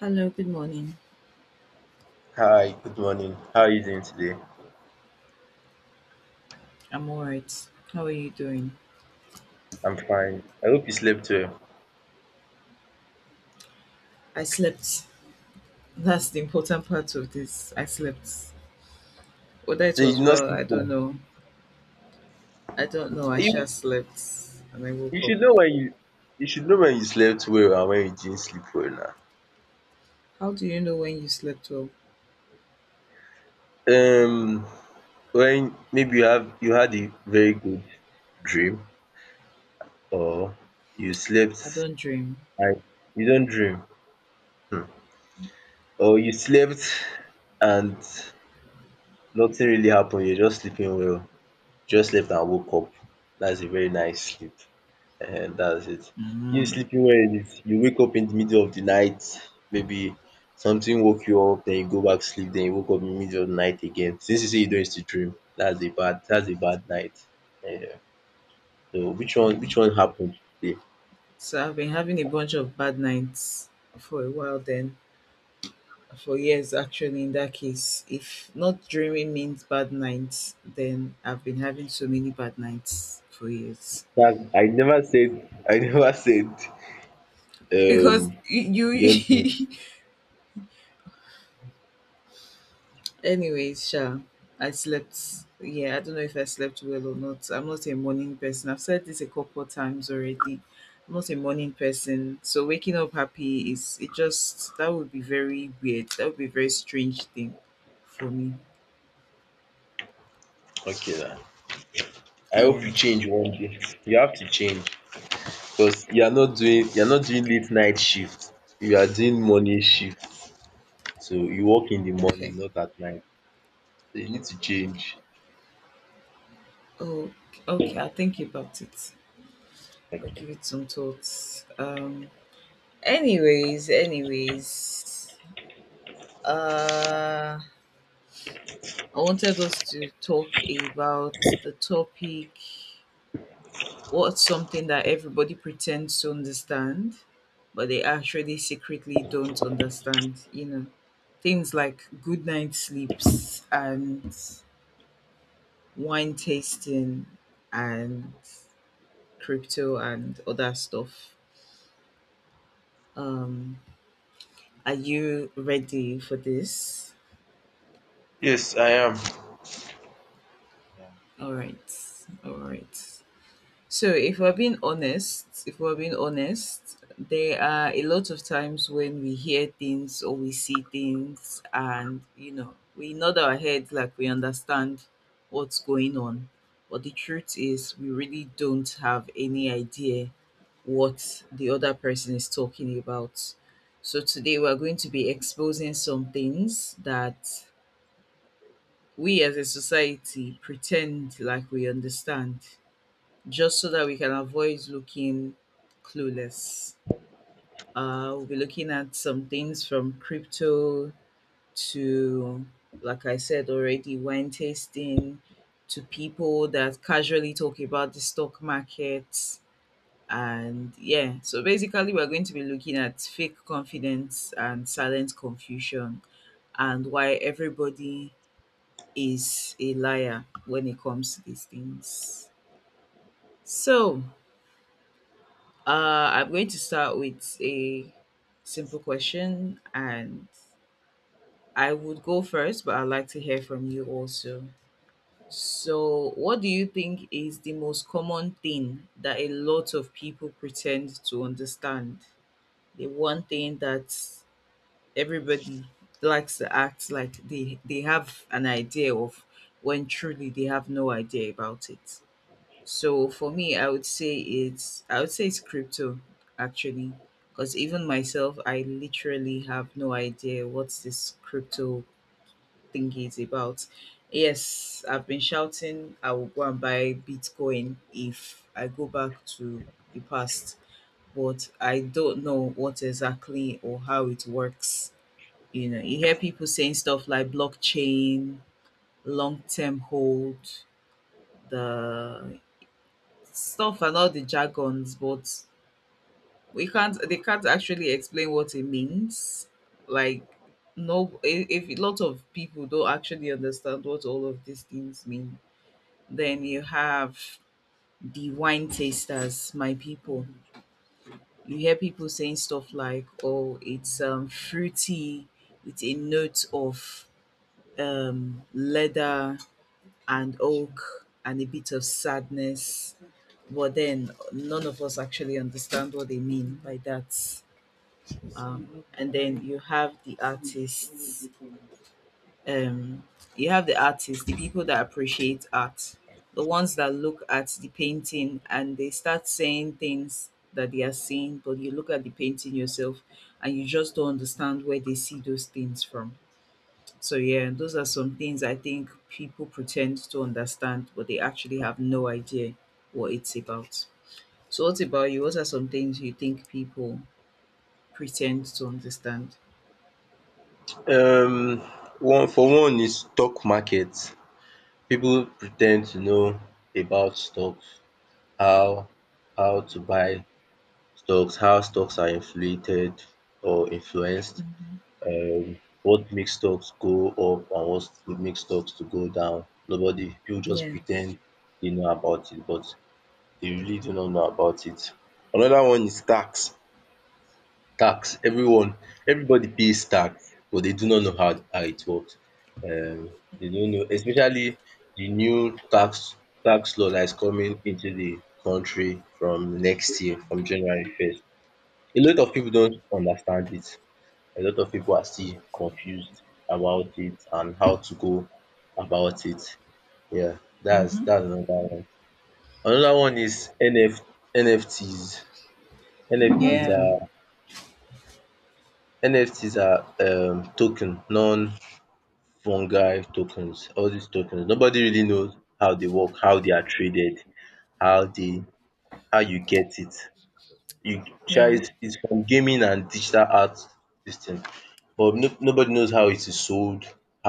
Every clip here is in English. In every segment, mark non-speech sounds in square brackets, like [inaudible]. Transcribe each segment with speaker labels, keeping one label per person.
Speaker 1: Hello, good morning.
Speaker 2: Hi, good morning. How are you doing today?
Speaker 1: I'm alright. How are you doing?
Speaker 2: I'm fine. I hope you slept well.
Speaker 1: I slept. That's the important part of this. I slept. Whether it
Speaker 2: So you
Speaker 1: was
Speaker 2: did not
Speaker 1: well,
Speaker 2: sleep
Speaker 1: I don't
Speaker 2: well.
Speaker 1: know. I don't know. I
Speaker 2: You
Speaker 1: sure slept and I
Speaker 2: you
Speaker 1: woke up.
Speaker 2: should know when you should know when you slept well and when you didn't sleep well
Speaker 1: How do you know when you slept well?
Speaker 2: now. When maybe you had a very good dream, or you
Speaker 1: I
Speaker 2: slept
Speaker 1: don't dream.
Speaker 2: and you don't dream. Hmm. Or you slept and nothing really happened, you're just sleeping well. Just slept and woke up. That's a very nice sleep. And that's it. You
Speaker 1: Mm.
Speaker 2: sleeping well is you wake up in the middle of the night, maybe something woke you up, then you go back sleep, then you woke up in the middle of the night again. Since you say you don't used to dream, that's a bad night. Yeah. So which one happened today?
Speaker 1: So I've been having a bunch of bad nights for a while then. For years actually in that case. If not dreaming means bad nights, then I've been having so many bad nights for years.
Speaker 2: That I never said, I [laughs] never said,
Speaker 1: Because
Speaker 2: um
Speaker 1: you
Speaker 2: you don't do.
Speaker 1: [laughs] Anyways, sure. I slept. Yeah, I don't know if I slept well or not. I'm not a morning person. I've said this a couple times already. I'm not a morning person. So waking up happy is it just that would be very weird. That would be a very strange thing for me.
Speaker 2: Okay na. I hope
Speaker 1: Yeah.
Speaker 2: you change one day. You have to change because you are not doing late night shift. You are doing morning shift. So you work in the
Speaker 1: Okay.
Speaker 2: morning, not at night. So you need to change.
Speaker 1: Oh, okay. I'll think about it. I'll give it some thoughts. Anyways, anyways. Uh, I wanted us to talk about the topic. What's something that everybody pretends to understand, but they actually secretly don't understand? You know, things like good night sleeps and wine tasting and crypto and other stuff. Um, are you ready for this?
Speaker 2: Yes, I am.
Speaker 1: All right, all right. So if we're being honest, if we're being honest, there are a lot of times when we hear things or we see things and you know, we nod our heads like we understand what's going on. But the truth is we really don't have any idea what the other person is talking about. So today we're going to be exposing some things that we as a society pretend like we understand just so that we can avoid looking clueless. We'll be looking at some things from crypto to, like I said already, wine tasting to people that casually talk about the stock market. And yeah, so basically, we're going to be looking at fake confidence and silent confusion and why everybody is a liar when it comes to these things. So, I'm going to start with a simple question, and I would go first, but I'd like to hear from you also. So, what do you think is the most common thing that a lot of people pretend to understand? The one thing that everybody likes to act like they have an idea of when truly they have no idea about it. So for me, I would say it's crypto actually, because even myself, I literally have no idea what this crypto thingy is about. Yes, I've been shouting I will go and buy Bitcoin if I go back to the past, but I don't know what exactly or how it works. You know, you hear people saying stuff like blockchain, long term hold, the stuff and all the jargons, but we can't. They can't actually explain what it means. Like, no, if a lot of people don't actually understand what all of these things mean, then you have the wine tasters, my people. You hear people saying stuff like, "Oh, it's fruity with a note of leather and oak and a bit of sadness." But then none of us actually understand what they mean by that. And then you have the artists. Um, you have the artists, the people that appreciate art, the ones that look at the painting and they start saying things that they are seeing, but you look at the painting yourself and you just don't understand where they see those things from. So yeah, those are some things I think people pretend to understand, but they actually have no idea what it's about. So what about you? What are some things you think people pretend to understand?
Speaker 2: Um, one for one is stock market. People pretend to know about stocks, how how to buy stocks, how stocks are inflated or influenced, what makes stocks go up and what makes stocks to go down. Nobody, people just
Speaker 1: Yeah.
Speaker 2: pretend they know about it, but they really do not know about it. Another one is tax. Tax, everyone, everybody pays tax, but they do not know how it works. Um, they don't know, especially the new tax law that is coming into the country from next year, from January 1st. A lot of people don't understand it. A lot of people are still confused about it and how to go about it. Yeah, that's another one. Another one is N F N F Ts NF, Ts
Speaker 1: Yeah.
Speaker 2: are NFTs are token, non-fungi tokens. All these tokens, nobody really knows how they work, how they are traded, how they how you get it. You sha
Speaker 1: Yeah.
Speaker 2: it's from gaming and digital art, this thing, but no nobody knows how it is sold,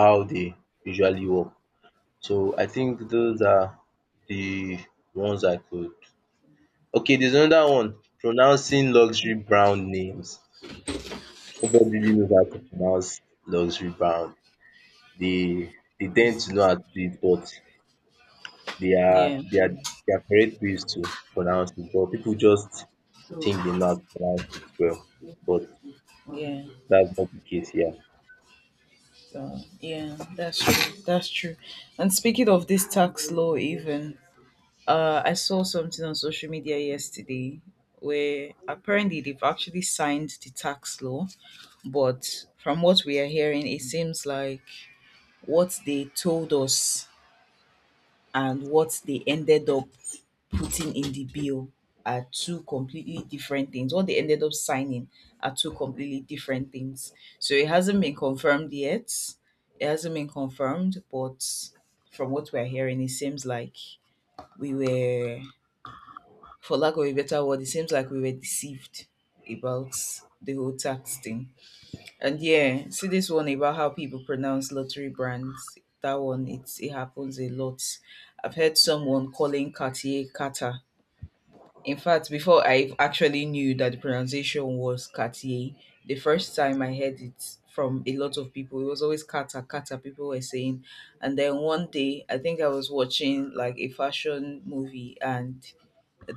Speaker 2: how they usually work. So I think those are the ones I could. Okay, there's another one, pronouncing luxury brand names. Nobody really knows how to pronounce luxury brand, they they tend
Speaker 1: Yes.
Speaker 2: to know how to do it, but
Speaker 1: Yeah.
Speaker 2: they are there are correct ways to pronounce it, but people just think they know how to pronounce it well, but
Speaker 1: Yeah.
Speaker 2: that's not the case here.
Speaker 1: So yeah, that's true. That's true. And speaking of this tax law, even I saw something on social media yesterday where apparently they've actually signed the tax law. But from what we are hearing, it seems like what they told us and what they ended up putting in the bill are two completely different things. What they ended up signing are two completely different things. So it hasn't been confirmed yet. It hasn't been confirmed, but from what we're hearing, it seems like we were, for lack of a better word, it seems like we were deceived about the whole tax thing. And yeah, see this one about how people pronounce lottery brands. That one, it happens a lot. I've heard someone calling Cartier Kata. In fact, before I actually knew that the pronunciation was Cartier, the first time I heard it from a lot of people, it was always Kata Kata. People were saying, and then one day, I think I was watching like a fashion movie, and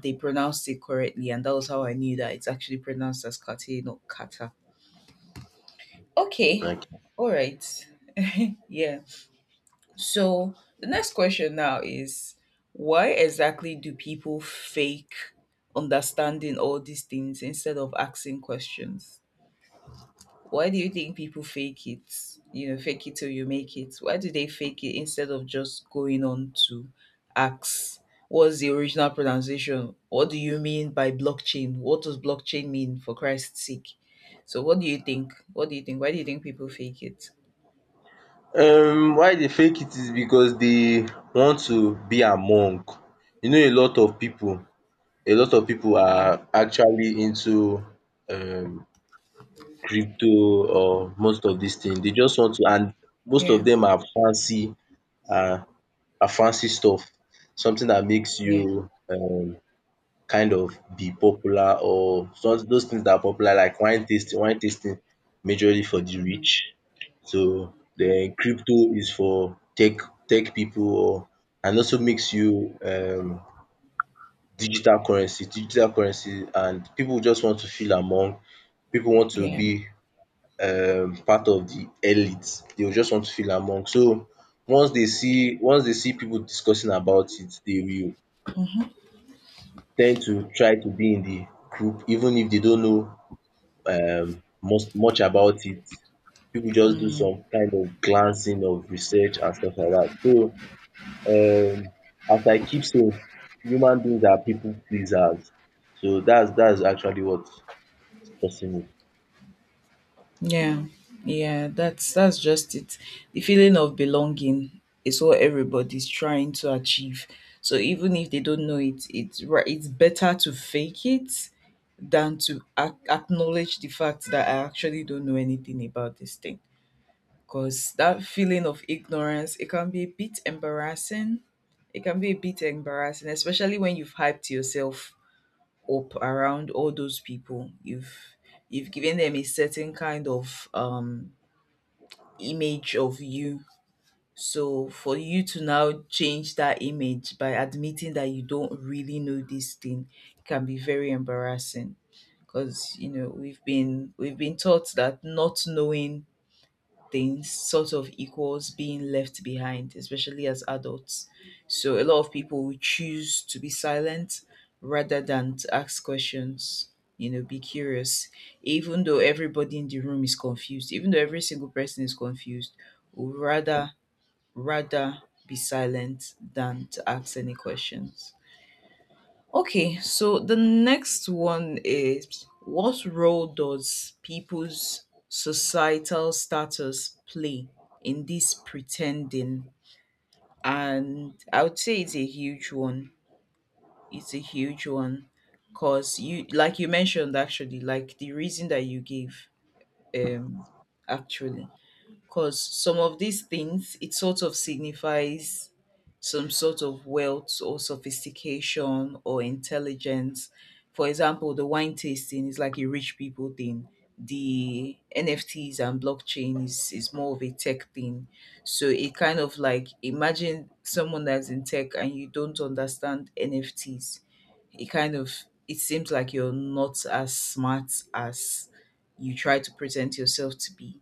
Speaker 1: they pronounced it correctly, and that was how I knew that it's actually pronounced as Cartier, not Kata. Okay.
Speaker 2: Thank
Speaker 1: All right. [laughs] yeah. So the next question now is why exactly do people fake understanding all these things instead of asking questions? Why do you think people fake it? You know, fake it till you make it. Why do they fake it instead of just going on to ask what's the original pronunciation? What do you mean by blockchain? What does blockchain mean for Christ's sake? So what do you think? What do you think? Why do you think people fake it?
Speaker 2: you. Why they fake it is because they want to be among. You know, a lot of people
Speaker 1: Yeah,
Speaker 2: are actually into um crypto or most of these things. They just want to, and most of
Speaker 1: yeah,
Speaker 2: them are fancy, and a fancy stuff, something that makes
Speaker 1: yeah,
Speaker 2: you, kind of be popular, or some, those things that are popular like wine tasting. Wine tasting majorly for the
Speaker 1: mhm,
Speaker 2: rich. So
Speaker 1: mm,
Speaker 2: then crypto is for tech people, or and also makes you, digital currency. Digital currency, and people just want to feel among, people want to
Speaker 1: yeah,
Speaker 2: be part of the elite. They will just want to feel among. So once they see people discussing about it, they will
Speaker 1: mhm,
Speaker 2: tend to try to be in the group, even if they don't know, most much about it. People just do some kind of glancing of research and stuff like that. So, um as I keep saying, human beings are people pleasers. So that's actually what's causing it.
Speaker 1: yeah, yeah. That's just it. The feeling of belonging is what everybody's trying to achieve. So even if they don't know it, it's right. It's better to fake it than to acknowledge the fact that I actually don't know anything about this thing. Because that feeling of ignorance, it can be a bit embarrassing. It can be a bit embarrassing, especially when you've hyped yourself up around all those people you've given them a certain kind of image of you, so for you to now change that image by admitting that you don't really know this thing can be very embarrassing because you know we've been taught that not knowing things sort of equals being left behind, especially as adults. So a lot of people will choose to be silent rather than to ask questions, you know, be curious. Even though everybody in the room is confused, even though every single person is confused, would rather rather be silent than to ask any questions. Okay, so the next one is what role does people's societal status play in this pretending? And I would say it's a huge one. It's a huge one because you, like you mentioned, actually, like the reason that you gave, um, actually because some of these things it sort of signifies some sort of wealth or sophistication or intelligence. For example, the wine tasting is like a rich people thing. The NFTs and blockchain is, more of a tech thing, so it kind of, like, imagine someone that's in tech and you don't understand NFTs. It kind of, it seems like you're not as smart as you try to present yourself to be,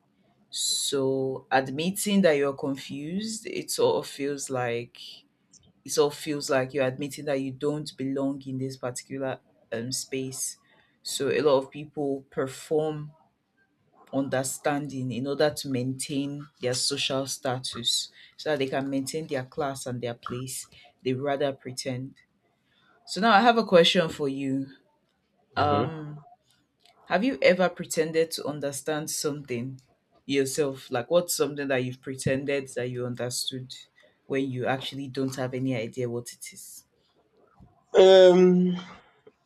Speaker 1: so admitting that you're confused, it sort of feels like you're admitting that you don't belong in this particular space. So a lot of people perform understanding in order to maintain their social status so that they can maintain their class and their place. They rather pretend. So now I have a question for you.
Speaker 2: Mhm.
Speaker 1: Um Have you ever pretended to understand something yourself? Like, what's something that you've pretended that you understood when you actually don't have any idea what it is?
Speaker 2: Um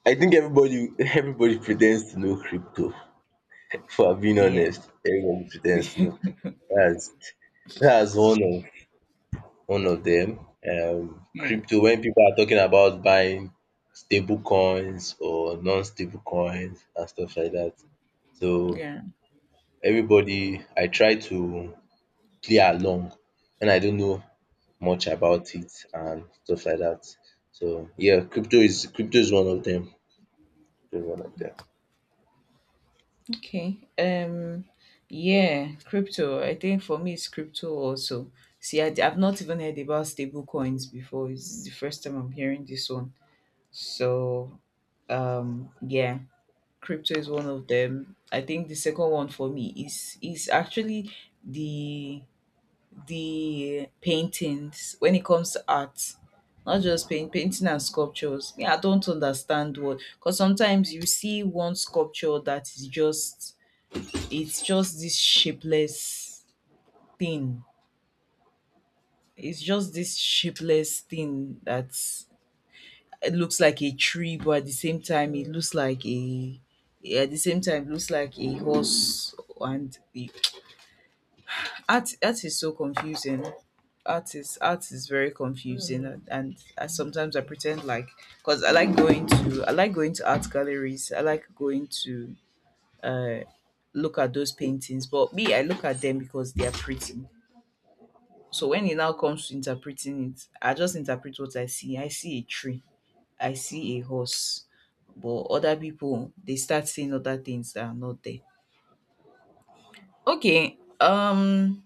Speaker 2: I think everybody pretends to know crypto. [laughs] For being
Speaker 1: Yeah.
Speaker 2: honest, everybody pretends to know
Speaker 1: [laughs]
Speaker 2: crypto. That's that's one of them.
Speaker 1: yeah.
Speaker 2: Crypto. When people are talking about buying stable coins or non-stable coins and stuff like that, so
Speaker 1: Yeah.
Speaker 2: everybody, I try to play along when I don't know much about it and stuff like that. So yeah, crypto is one of them. Crypto is one of them.
Speaker 1: Okay. Yeah, crypto. I think for me, it's crypto also. See, I have not even heard about stable coins before. It's the first time I'm hearing this one. So, yeah. Crypto is one of them. I think the second one for me is actually the the paintings when it comes to art. Not just paint, painting and sculptures. Yeah, I don't understand what, because sometimes you see one sculpture that is just, it's just this shapeless thing. It's just this shapeless thing that it looks like a tree, but at the same time, it looks like a, yeah, at the same time, it looks like a horse. And the art is so confusing. Art is very confusing, and, I, sometimes I pretend like because I like going to art galleries. I like going to uh, look at those paintings, but me I look at them because they are pretty. So when it now comes to interpreting it, I just interpret what I see. I see a tree. I see a horse. But other people, they start seeing other things that are not there. Okay. um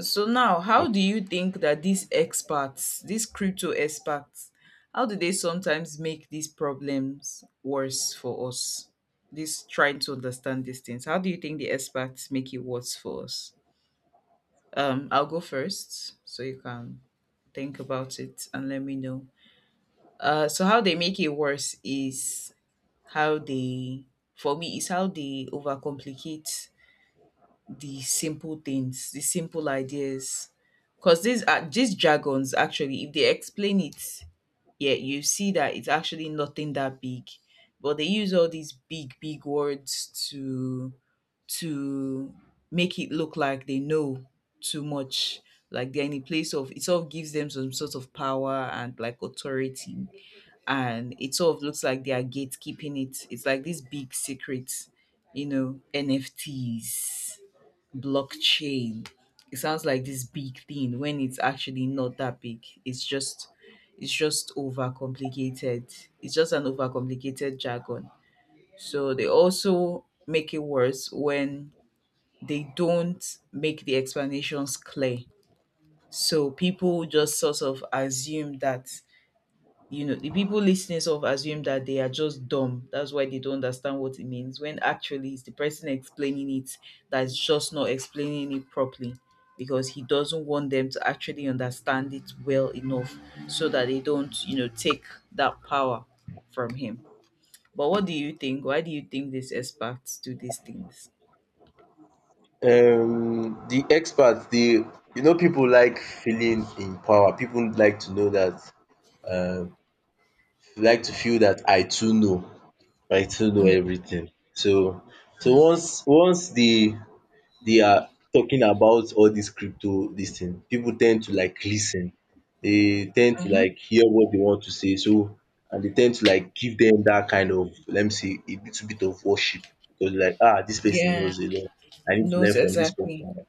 Speaker 1: so now, how do you think that these crypto experts, how do they sometimes make these problems worse for us, this trying to understand these things? How do you think the experts make it worse for us? I'll go first so you can think about it and let me know. So how they make it worse is how they, for me, is how they overcomplicate the simple things, the simple ideas. Because these jargons, actually, if they explain it, yeah, you see that it's actually nothing that big. But they use all these big, big words to to make it look like they know too much. Like they're in a place of, it sort of gives them some sort of power and like authority, and it sort of looks like they are gatekeeping it. It's like this big secret, you know, NFTs, blockchain. It sounds like this big thing when it's actually not that big. It's just overcomplicated. It's just an overcomplicated jargon. So they also make it worse when they don't make the explanations clear. So people just sort of assume that, the people listening sort of assume that they are just dumb, that's why they don't understand what it means, when actually it's the person explaining it that's just not explaining it properly, because he doesn't want them to actually understand it well enough, so that they don't, take that power from him. But what do you think? Why do you think these experts do these things?
Speaker 2: The experts the you know, people like feeling in power. People like to know that, um like to feel that I too know
Speaker 1: Yeah.
Speaker 2: everything. So once they are talking about all this crypto, this thing. People tend to like listen. They tend to
Speaker 1: Uh-huh.
Speaker 2: like hear what they want to say. So and they tend to like give them that kind of, let me say, a little bit of worship because, like, this person
Speaker 1: Yeah.
Speaker 2: knows a lot. I need to learn
Speaker 1: Knows
Speaker 2: from this
Speaker 1: exactly.
Speaker 2: person.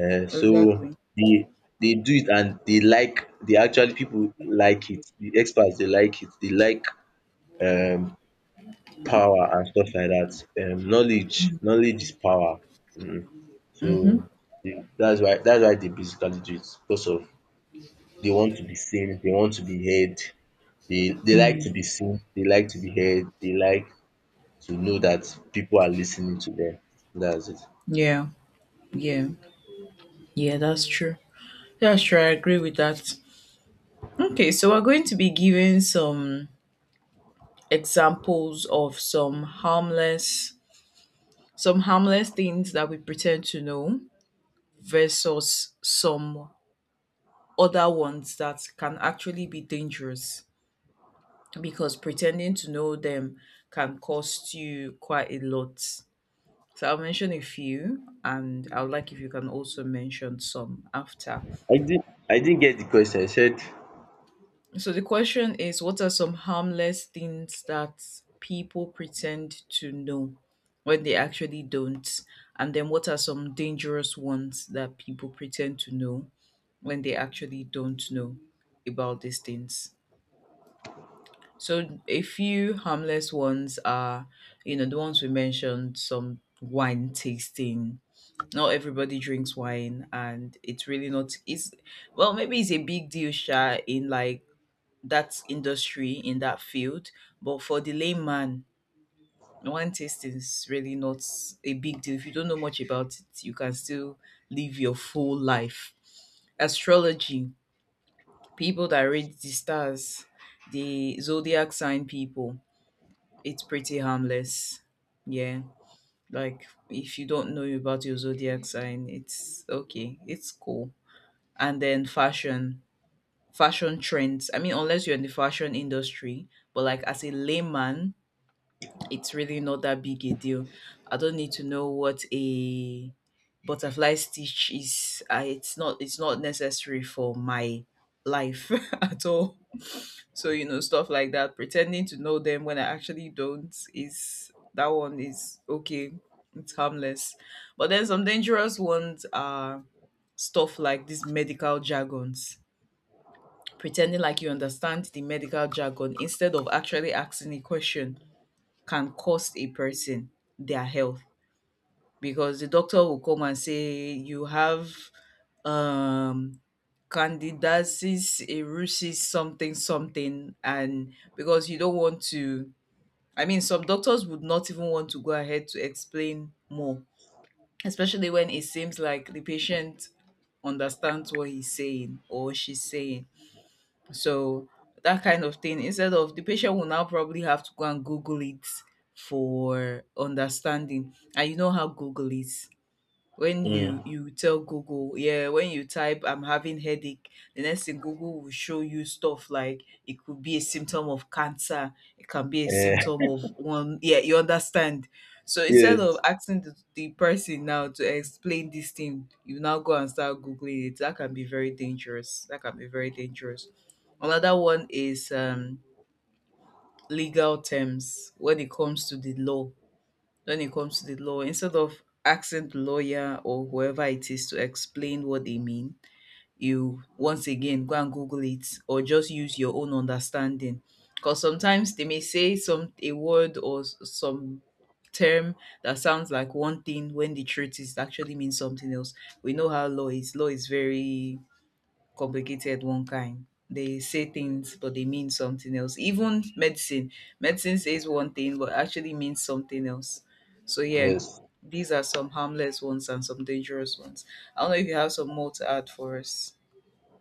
Speaker 2: So
Speaker 1: Exactly.
Speaker 2: they do it, and they actually people like it, the experts, they like it, they like, um power and stuff like that. Knowledge knowledge is power. um
Speaker 1: Mm-hmm.
Speaker 2: so the that's why they basically do it because of, they want to be seen, they want to be heard, they like to
Speaker 1: Mm.
Speaker 2: be seen, they like to be heard, they like to know that people are listening to them. That's it.
Speaker 1: Yeah, yeah, yeah, that's true. Yeah, sure, I agree with that. Okay, so we're going to be giving some examples of some harmless, some harmless things that we pretend to know, versus some other ones that can actually be dangerous, because pretending to know them can cost you quite a lot. So I'll mention a few, and I would like if you can also mention some after.
Speaker 2: I didn't get the question. I said,
Speaker 1: So the question is, what are some harmless things that people pretend to know when they actually don't? And then what are some dangerous ones that people pretend to know when they actually don't know about these things? So a few harmless ones are, you know, the ones we mentioned: some wine tasting. Not everybody drinks wine, and it's really not, it's well, maybe it's a big deal, Sha, in like that industry, in that field. But for the layman, wine tasting is really not a big deal. If you don't know much about it, you can still live your full life. Astrology, people that read the stars, the zodiac sign people, it's pretty harmless. Yeah. Like if you don't know about your zodiac sign, it's okay. It's cool. And then fashion, fashion trends. I mean, unless you're in the fashion industry, but like as a layman, it's really not that big a deal. I don't need to know what a butterfly stitch is. It's not necessary for my life [laughs] at all. So, you know, stuff like that. Pretending to know them when I actually don't, is — that one is okay. It's harmless. But then some dangerous ones are stuff like these medical jargons. Pretending like you understand the medical jargon instead of actually asking a question can cost a person their health, because the doctor will come and say you have um candidiasis erusis, something, something, and because you don't want to — I mean, some doctors would not even want to go ahead to explain more, especially when it seems like the patient understands what he's saying or she's saying. So that kind of thing — instead of, the patient will now probably have to go and Google it for understanding. And you know how Google is. When you
Speaker 2: mm,
Speaker 1: tell Google, yeah, when you type I'm having headache, the next thing, Google will show you stuff like it could be a symptom of cancer, it can be a
Speaker 2: eh,
Speaker 1: symptom of one, yeah, you understand. So
Speaker 2: [laughs]
Speaker 1: instead
Speaker 2: yes,
Speaker 1: of asking the person now to explain this thing, you now go and start googling it. That can be very dangerous. That can be very dangerous. Another one is legal terms. When it comes to the law, when it comes to the law, instead of asking the lawyer or whoever it is to explain what they mean, you once again go and Google it, or just use your own understanding, because sometimes they may say some a word or some term that sounds like one thing when the truth is actually means something else. We know how law is, law is very complicated, one kind. They say things, but they mean something else. Even medicine, medicine says one thing, but actually means something else. So yeah,
Speaker 2: yes.
Speaker 1: these are some harmless ones and some dangerous ones. I don't know if you have some more to add for us.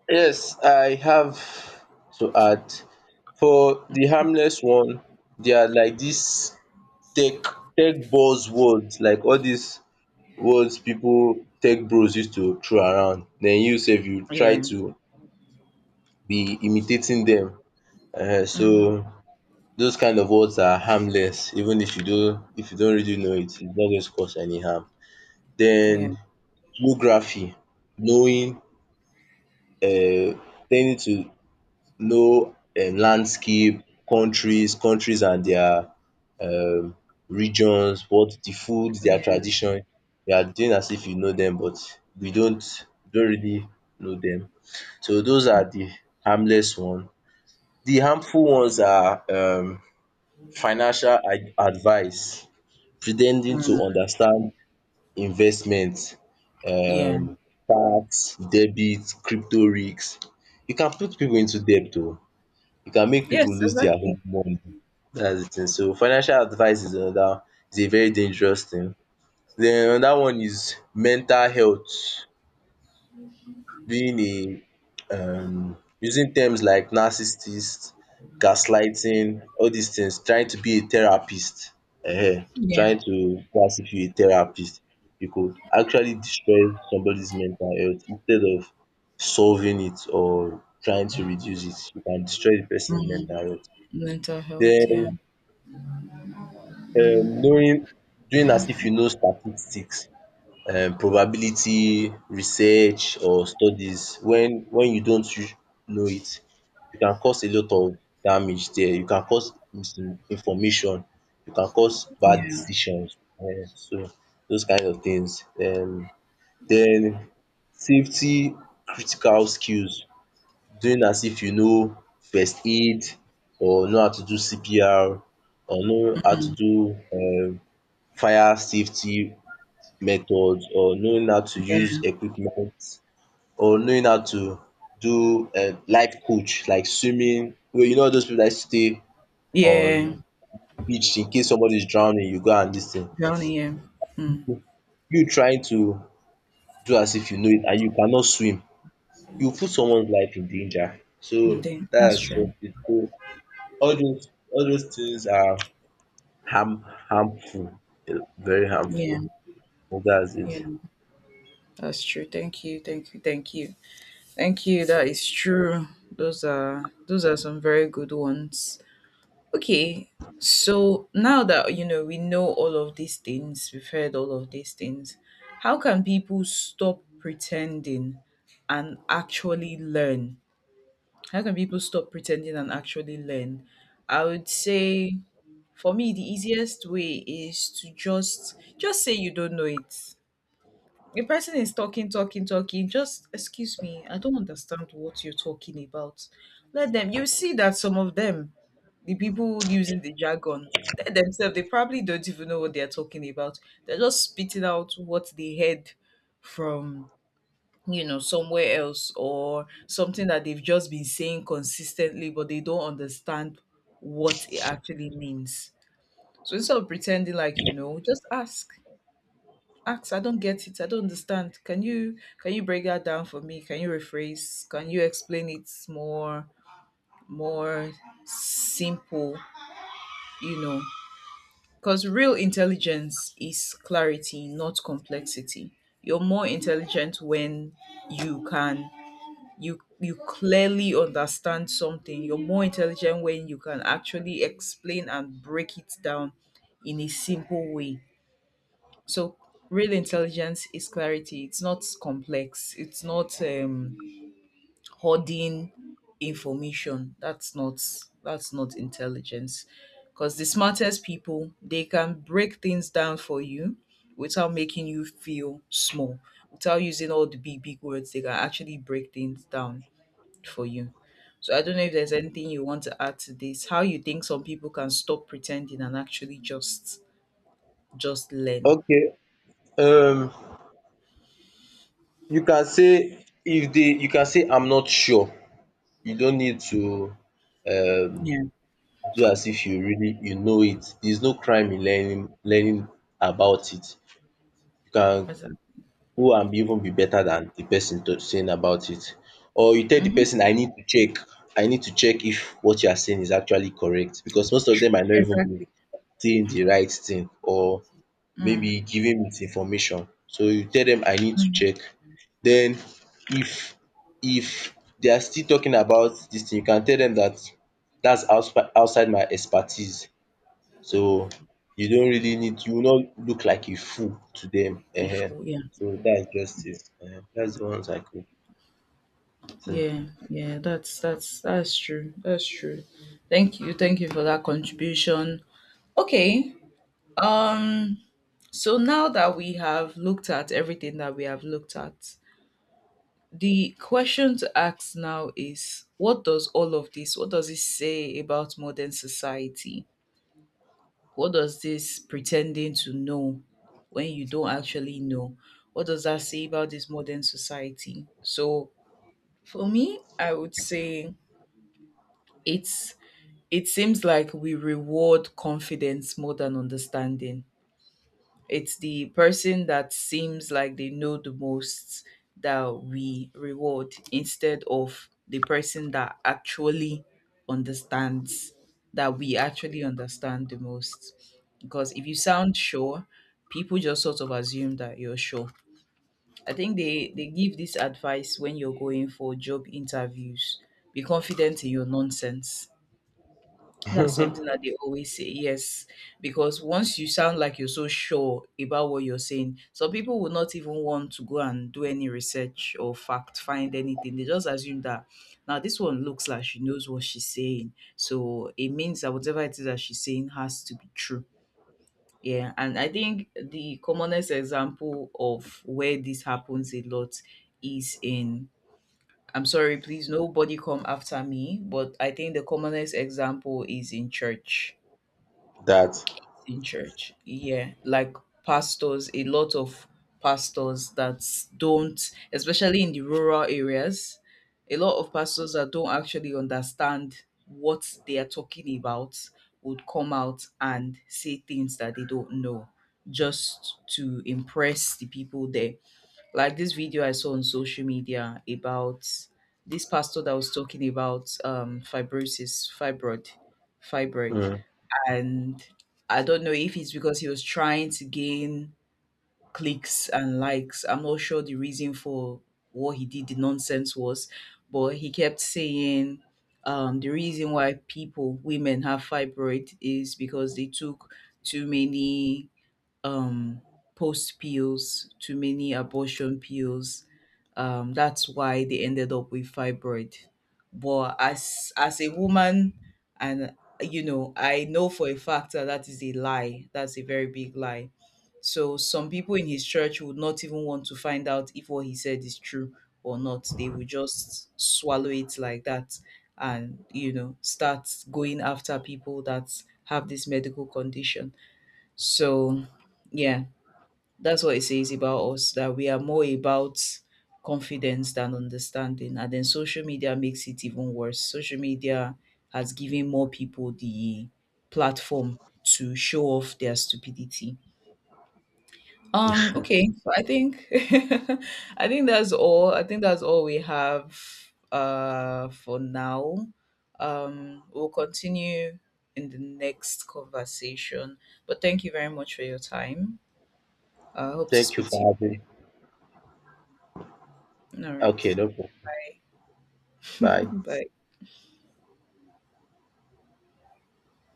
Speaker 2: Yes, I have to add. For the
Speaker 1: [laughs]
Speaker 2: harmless one, they are like this tech tech buzzwords, like all these words, people, tech bros used to throw around, then you sef you try
Speaker 1: Yeah.
Speaker 2: to be imitating them. So
Speaker 1: Hmm.
Speaker 2: those kind of words are harmless. Even if you don't really know it, it's not going to cause any harm. Then
Speaker 1: Yeah.
Speaker 2: geography, knowing, ten to know, landscape, countries and their, um regions, what the food, their
Speaker 1: Yeah.
Speaker 2: tradition, you are doing as if you know them, but you don't really know them. So those are the harmless one. The harmful ones are, financial advice, pretending
Speaker 1: Mm.
Speaker 2: to understand investment,
Speaker 1: Yeah.
Speaker 2: um tax, debit, crypto risk. You can put pipu into debt oo. You can make people
Speaker 1: Yes,
Speaker 2: lose their whole
Speaker 1: exactly.
Speaker 2: money. That's the thing. So financial advice is another, is a very dangerous thing. Then another one is mental health. Being a Using terms like narcissist, gaslighting, all these things, trying to be a therapist, um
Speaker 1: Yeah.
Speaker 2: trying to go, if you a therapist, you could actually destroy somebody's mental health instead of solving it or trying to reduce it, you can destroy the person's
Speaker 1: Mm.
Speaker 2: mental health.
Speaker 1: Mental health. Yeah.
Speaker 2: Then. Knowing doing as if you know statistics, probability, research or studies when you don't know it, you can cause a lot of damage there, you can cause misinformation, you can cause bad
Speaker 1: Yeah.
Speaker 2: decisions. So those kind of things. Then safety critical skills, doing as if you know first aid, or know how to do CPR, or know how to do, fire safety methods, or knowing how to
Speaker 1: Yeah.
Speaker 2: use equipment, or knowing how to do, life coach, like swimming. Well, you know those people that stay
Speaker 1: Yeah.
Speaker 2: on beach in case somebody is drowning, you go and this thing,
Speaker 1: Drowning. Yeah. Mm.
Speaker 2: you trying to do as if you know it, and you cannot swim, you put someone's life in danger.
Speaker 1: Mm,
Speaker 2: So
Speaker 1: then — that's
Speaker 2: that's
Speaker 1: true.
Speaker 2: just it. So all those things are harmful, very
Speaker 1: Yeah.
Speaker 2: harmful. So that's
Speaker 1: Yeah.
Speaker 2: it.
Speaker 1: That's true. Thank you. Thank you. Thank you. Thank you. That is true. Those are, those are some very good ones. Okay. So now that we know all of these things, we've heard all of these things, how can people stop pretending and actually learn? How can people stop pretending and actually learn? I would say, for me, the easiest way is to just say you don't know it. The person is talking, talking, talking. Just, excuse me, I don't understand what you're talking about. Let them — you see that some of them, the people using the jargon, they themselves, they probably don't even know what they're talking about. They're just spitting out what they heard from, you know, somewhere else, or something that they've just been saying consistently, but they don't understand what it actually means. So instead of pretending like you know, just ask, I don't get it, I don't understand. Can you break that down for me? Can you rephrase? Can you explain it more, more simple, you know? Because real intelligence is clarity, not complexity. You're more intelligent when you can, you clearly understand something. You're more intelligent when you can actually explain and break it down in a simple way. So real intelligence is clarity. It's not complex. It's not hoarding information. That's not intelligence. Because the smartest people, they can break things down for you without making you feel small. Without using all the big, big words, they can actually break things down for you. So I don't know if there's anything you want to add to this. How you think some people can stop pretending and actually just learn.
Speaker 2: Okay. um you can say, if they. You can say, I'm not sure. You don't need to, um
Speaker 1: Yeah.
Speaker 2: do as if you really, you know it. There's no crime in learning, about it. You can
Speaker 1: What's that?
Speaker 2: go and be even be better than the person to saying about it. Or you tell the
Speaker 1: Hmm?
Speaker 2: person, I need to check, if what you are saying is actually correct, because most of them might not even be
Speaker 1: Exactly.
Speaker 2: saying the right thing, or
Speaker 1: Mm.
Speaker 2: maybe giving misinformation. So you tell them, I need to
Speaker 1: Mm.
Speaker 2: check. Then, if if they are still talking about this thing, you can tell them that that's outside my expertise. So you don't really need, you will not look like a fool to them.
Speaker 1: Before, yeah,
Speaker 2: So dats just it. Dats de ones I could, think
Speaker 1: yeah, yeah. That's, that's true. That's true. Thank you for that contribution. Okay. Um. So now that we have looked at everything that we have looked at, the question to ask now is: what does all of this? What does it say about modern society? What does this pretending to know when you don't actually know — what does that say about this modern society? So for me, I would say it's, it seems like we reward confidence more than understanding. It's the person that seems like they know the most that we reward, instead of the person that actually understands, that we actually understand the most. Because if you sound sure, people just sort of assume that you're sure. I think they give this advice when you're going for job interviews: be confident in your nonsense. That's something
Speaker 2: [laughs]
Speaker 1: that they always say. Yes, because once you sound like you're so sure about what you're saying, some people will not even want to go and do any research or fact find anything. They just assume that, now this one looks like she knows what she's saying, so it means that whatever it is that she's saying has to be true. Yeah, and I think the commonest example of where this happens a lot is in — I'm sorry, please, nobody come after me, but I think the commonest example is in church.
Speaker 2: dat.
Speaker 1: In church. Yeah, like pastors, a lot of pastors that don't, especially in the rural areas, a lot of pastors that don't actually understand what they are talking about, would come out and say things that they don't know, just to impress the people there. Like this video I saw on social media about this pastor that was talking about fibroid,
Speaker 2: um.
Speaker 1: and I don't know if it's because he was trying to gain clicks and likes. I'm not sure the reason for what he did, the nonsense was, but he kept saying, the reason why people, women, have fibroid is because they took too many um, post pills, too many abortion pills. That's why they ended up with fibroid. But as a woman, and you know, I know for a fact that that is a lie. That's a very big lie. So some people in his church would not even want to find out if what he said is true or not. They would just swallow it like that, and, you know, start going after people that have this medical condition. So, yeah, that's what it says about us, that we are more about confidence than understanding. And then social media makes it even worse. Social media has given more people the platform to show off their stupidity. Okay, so I think [laughs] I think that's all. I think that's all we have for now. We'll continue in the next conversation. But thank you very much for your time. I hope to
Speaker 2: Thank you
Speaker 1: speak to
Speaker 2: for having.
Speaker 1: you. All right.
Speaker 2: Okay, no problem. Bye.
Speaker 1: [laughs] Bye.